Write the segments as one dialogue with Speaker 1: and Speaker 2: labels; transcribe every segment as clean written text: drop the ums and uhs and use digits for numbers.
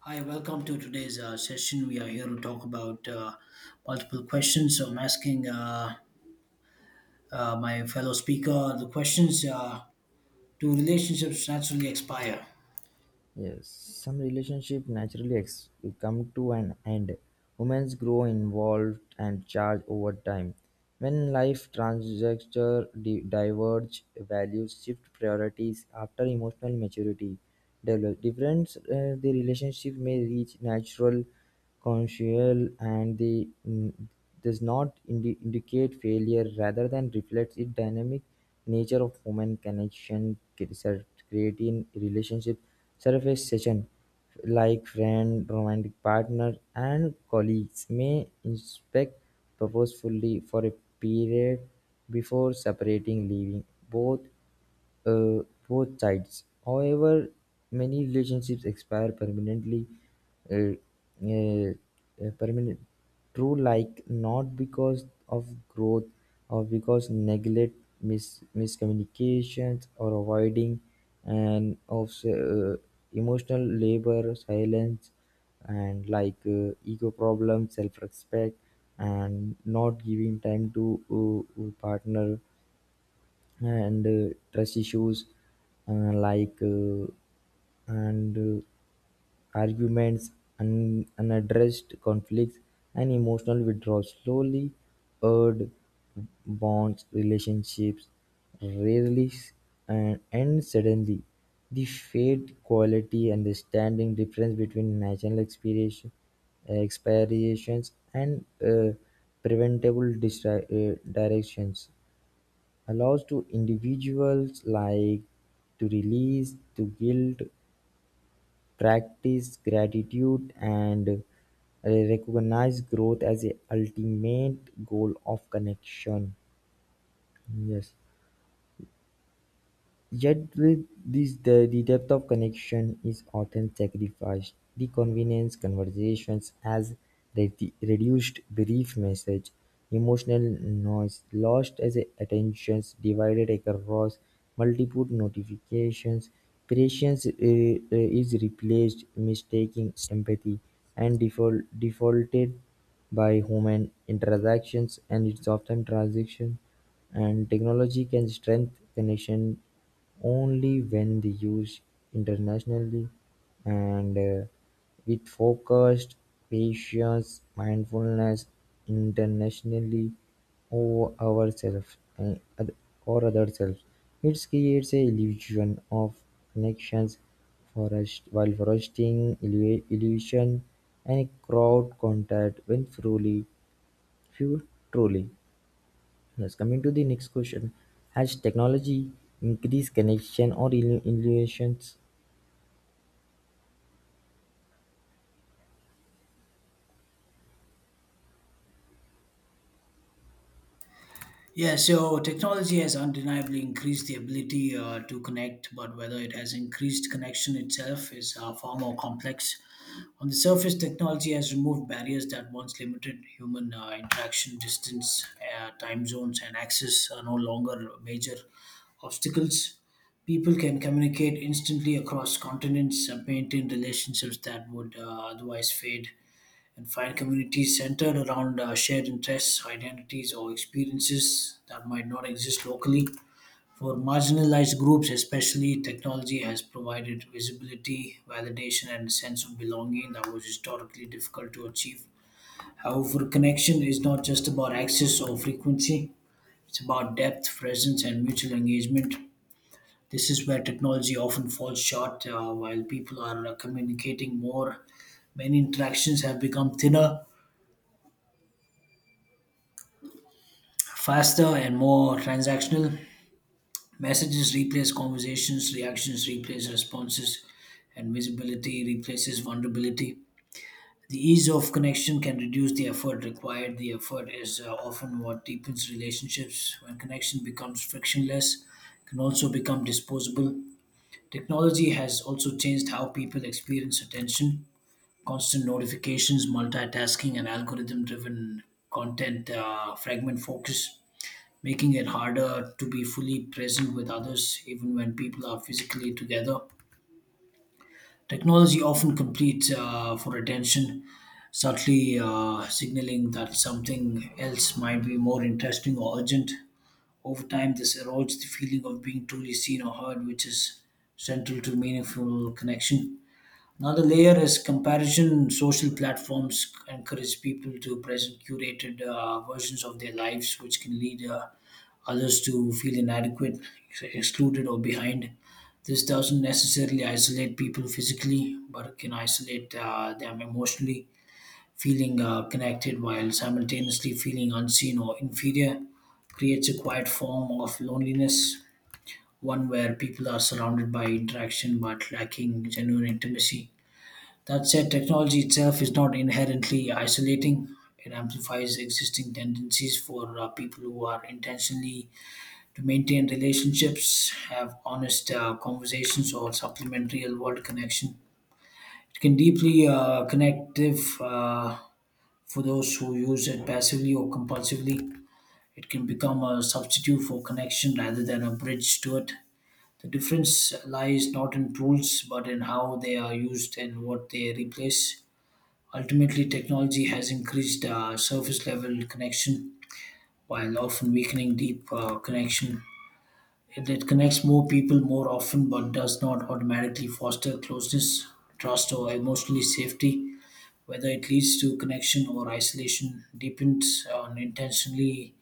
Speaker 1: Hi, welcome to today's session. We are here to talk about multiple questions. So I'm asking my fellow speaker the questions do relationships naturally expire?
Speaker 2: Yes, some relationship naturally come to an end. Humans grow involved and charge over time. When life trajectory diverge, values shift priorities after emotional maturity develop. Difference the relationship may reach natural, consensual, and the does not indicate failure rather than reflects its dynamic nature of human connection, creating relationship, surface session like friend, romantic partner, and colleagues may inspect purposefully for a period before separating, leaving both uh, both sides. However, many relationships expire permanently. Uh, uh, Permanent true like not because of growth or because neglect miscommunications or avoiding and of emotional labor silence and like ego problems self-respect and not giving time to partner and trust issues like and arguments, unaddressed conflicts, and emotional withdrawal slowly erode bonds, relationships, rarely s- and end suddenly. The fade quality and the standing difference between natural expiration, expirations and preventable directions allows to individuals like to release to guilt, practice gratitude and recognize growth as a ultimate goal of connection. Yes. Yet with this, the depth of connection is often sacrificed; the convenience conversations as reduced brief message, emotional noise, lost as a attentions divided across multiple notifications, patience is replaced, mistaking empathy, and default, defaulted by human interactions and its often transition and technology can strengthen connection only when they use internationally and with focused patience, mindfulness, internationally over ourselves and or other selves, it creates a illusion of connection, forest, while fostering illusion and crowd contact when truly, few truly. Yes, coming to the next question, has technology increased connection or illusions?
Speaker 1: Yeah, so technology has undeniably increased the ability to connect, but whether it has increased connection itself is far more complex. On the surface, technology has removed barriers that once limited human interaction, distance, time zones, and access are no longer major obstacles. People can communicate instantly across continents, maintain relationships that would otherwise fade and find communities centered around shared interests, identities, or experiences that might not exist locally. For marginalized groups, especially, technology has provided visibility, validation, and a sense of belonging that was historically difficult to achieve. However, connection is not just about access or frequency, it's about depth, presence, and mutual engagement. This is where technology often falls short while people are communicating more. Many interactions have become thinner, faster, and more transactional. Messages replace conversations, reactions replace responses, and visibility replaces vulnerability. The ease of connection can reduce the effort required. The effort is often what deepens relationships. When connection becomes frictionless, it can also become disposable. Technology has also changed how people experience attention: constant notifications, multitasking, and algorithm driven content fragment focus, making it harder to be fully present with others even when people are physically together. Technology often competes for attention, subtly signaling that something else might be more interesting or urgent. Over time, this erodes the feeling of being truly seen or heard, which is central to meaningful connection. Another layer is comparison. Social platforms encourage people to present curated versions of their lives, which can lead others to feel inadequate, excluded, or behind. This doesn't necessarily isolate people physically, but it can isolate them emotionally, feeling connected while simultaneously feeling unseen or inferior. Creates a quiet form of loneliness, one where people are surrounded by interaction but lacking genuine intimacy. That said, technology itself is not inherently isolating. It amplifies existing tendencies for people who are intentionally to maintain relationships, have honest conversations, or supplement real world connection. It can deeply connective for those who use it passively or compulsively. It can become a substitute for connection rather than a bridge to it. The difference lies not in tools but in how they are used and what they replace. Ultimately, technology has increased surface level connection while often weakening deep connection. It connects more people more often but does not automatically foster closeness, trust, or emotionally safety. Whether it leads to connection or isolation depends on intentionally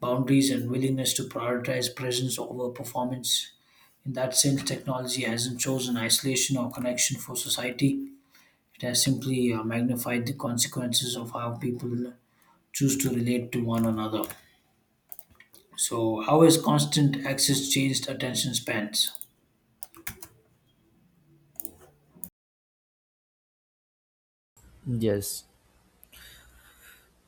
Speaker 1: boundaries and willingness to prioritize presence over performance. In that sense, technology hasn't chosen isolation or connection for society; it has simply magnified the consequences of how people choose to relate to one another. So, how has constant access changed attention spans?
Speaker 2: Yes,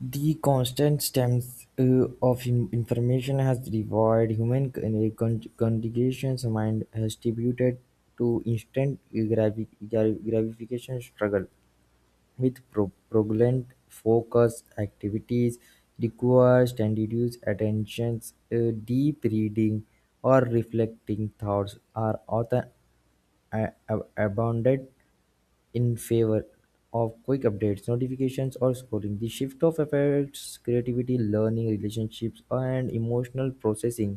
Speaker 2: the constant streams of information has revived human congregations mind has debuted to instant gratification struggle with prevalent focus activities requires and reduced attentions deep reading or reflecting thoughts are often abounded in favor of quick updates, notifications, or scoring. The shift of affects creativity, learning, relationships, and emotional processing.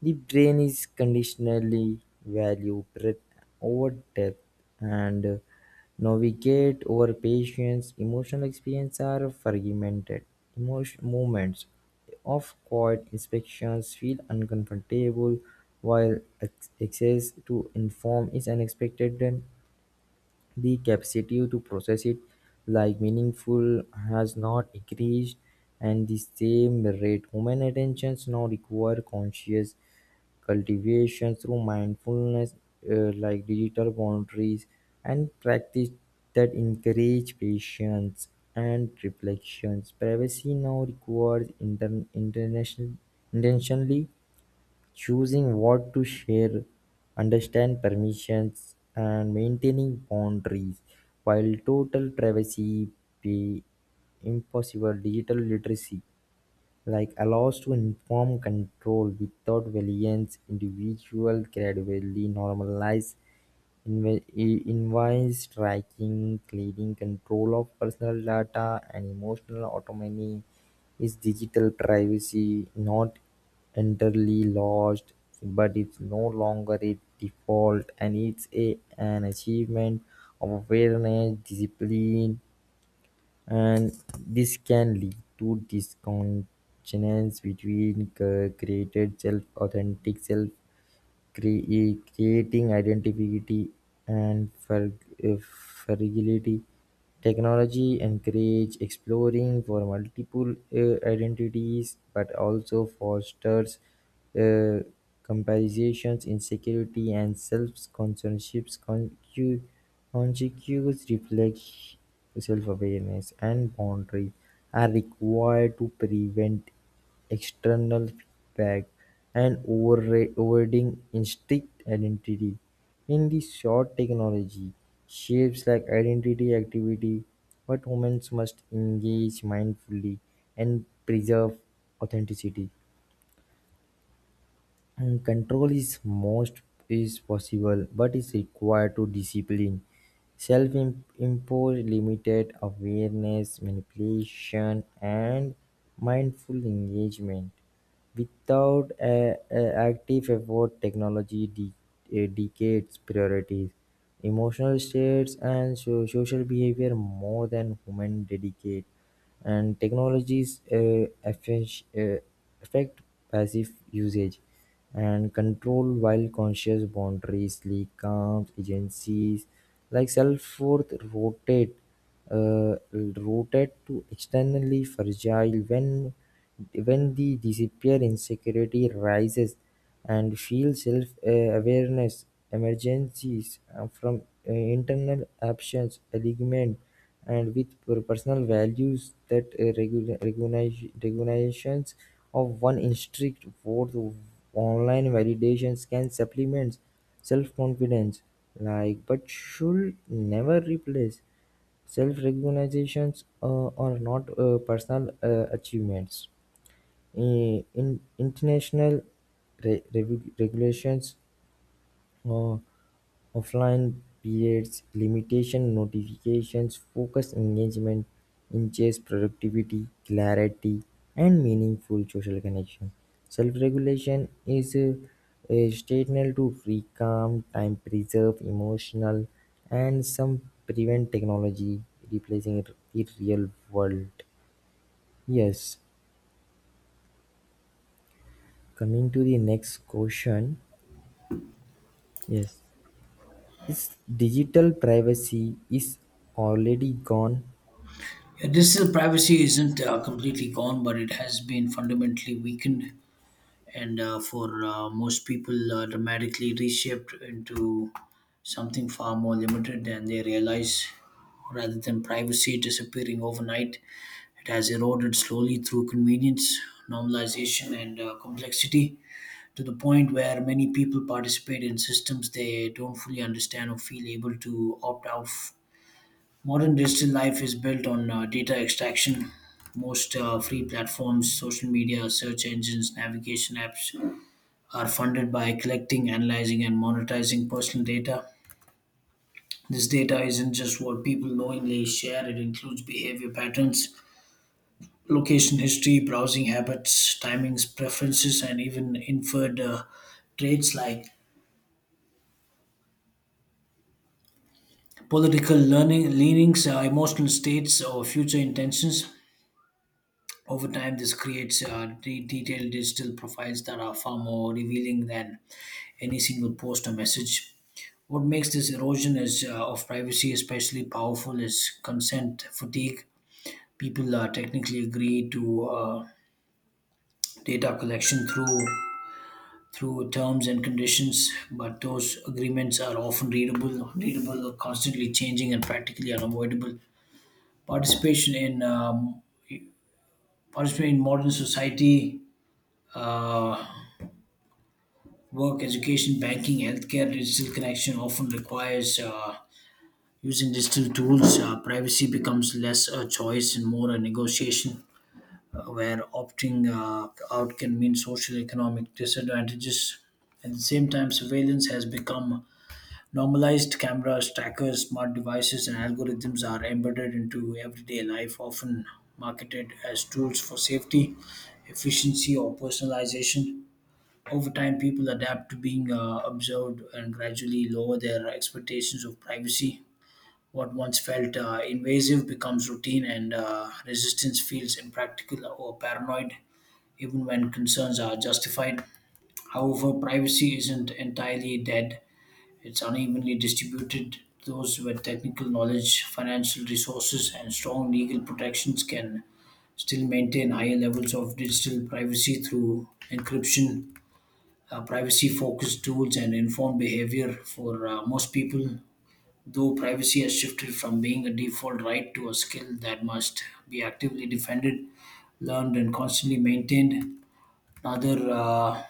Speaker 2: The brain is conditionally value breadth over depth and navigate over patience. Emotional experience are fragmented. Emotion moments of quiet inspections feel uncomfortable while access to inform is unexpected and the capacity to process it like meaningful has not increased and the same rate. Human attentions now require conscious cultivation through mindfulness like digital boundaries and practice that encourage patience and reflections. Privacy now requires international intentionally choosing what to share, understand permissions, and maintaining boundaries, while total privacy be impossible. Digital literacy like allows to inform control without violence individual gradually normalize invoice tracking cleaning control of personal data and emotional autonomy is digital privacy not entirely lost but it's no longer a default and it's an achievement of awareness discipline and this can lead to disconnections between created self authentic self creating identity and fragility technology encourage exploring for multiple identities but also fosters uh, comparisons insecurity and self-consciousness conscious reflection self-awareness and boundary are required to prevent external feedback and overriding instinct identity. In the short technology, shapes like identity activity, but humans must engage mindfully and preserve authenticity. And control is most is possible but is required to discipline self imposed limited awareness manipulation and mindful engagement without a active effort technology degrades priorities emotional states and social behavior more than human dedicate and technologies affect, affect passive usage and control while conscious boundaries like calms agencies like self-worth rotate uh, rotate to externally fragile when the disappear insecurity rises and shield self-awareness emerges from internal actions and with personal values that recognitions of one instinct for the online validations can supplement self-confidence like but should never replace self-recognitions or not personal achievements. In international regulations, uh, offline periods, limitation notifications, focus engagement, increases productivity, clarity, and meaningful social connection. Self-regulation is essential to free, calm, time, preserve, emotional, and some prevent technology replacing it in real world. Yes. Coming to the next question. Yes. Its digital privacy is already gone.
Speaker 1: Yeah, digital privacy isn't completely gone, but it has been fundamentally weakened, and for most people, dramatically reshaped into something far more limited than they realize. Rather than privacy disappearing overnight, it has eroded slowly through convenience, normalization, and complexity to the point where many people participate in systems they don't fully understand or feel able to opt out. Modern digital life is built on data extraction. Most free platforms, social media, search engines, navigation apps are funded by collecting, analyzing, and monetizing personal data. This data isn't just what people knowingly share, it includes behavior patterns, location history, browsing habits, timings, preferences, and even inferred traits like political learning, leanings, emotional states, or future intentions. Over time, this creates detailed digital profiles that are far more revealing than any single post or message. What makes this erosion is, of privacy especially powerful is consent fatigue. People technically agree to data collection through terms and conditions, but those agreements are often readable, readable, constantly changing, and practically unavoidable. participation in um, Participation in modern society, uh, work, education, banking, healthcare, digital connection often requires using digital tools. Privacy becomes less a choice and more a negotiation, where opting out can mean social economic disadvantages. At the same time, surveillance has become normalized: cameras, trackers, smart devices, and algorithms are embedded into everyday life, often marketed as tools for safety, efficiency, or personalization. Over time, people adapt to being observed and gradually lower their expectations of privacy. What once felt invasive becomes routine, and resistance feels impractical or paranoid, even when concerns are justified. However, privacy isn't entirely dead; it's unevenly distributed. Those with technical knowledge, financial resources, and strong legal protections can still maintain higher levels of digital privacy through encryption, privacy focused tools, and informed behavior. For most people, though, privacy has shifted from being a default right to a skill that must be actively defended, learned, and constantly maintained. Another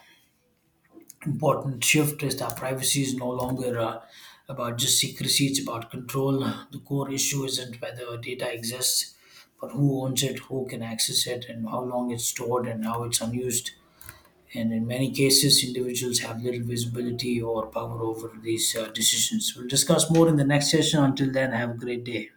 Speaker 1: important shift is that privacy is no longer about just secrecy, it's about control. The core issue isn't whether data exists, but who owns it, who can access it, and how long it's stored and how it's unused. And in many cases, individuals have little visibility or power over these decisions. We'll discuss more in the next session. Until then, have a great day.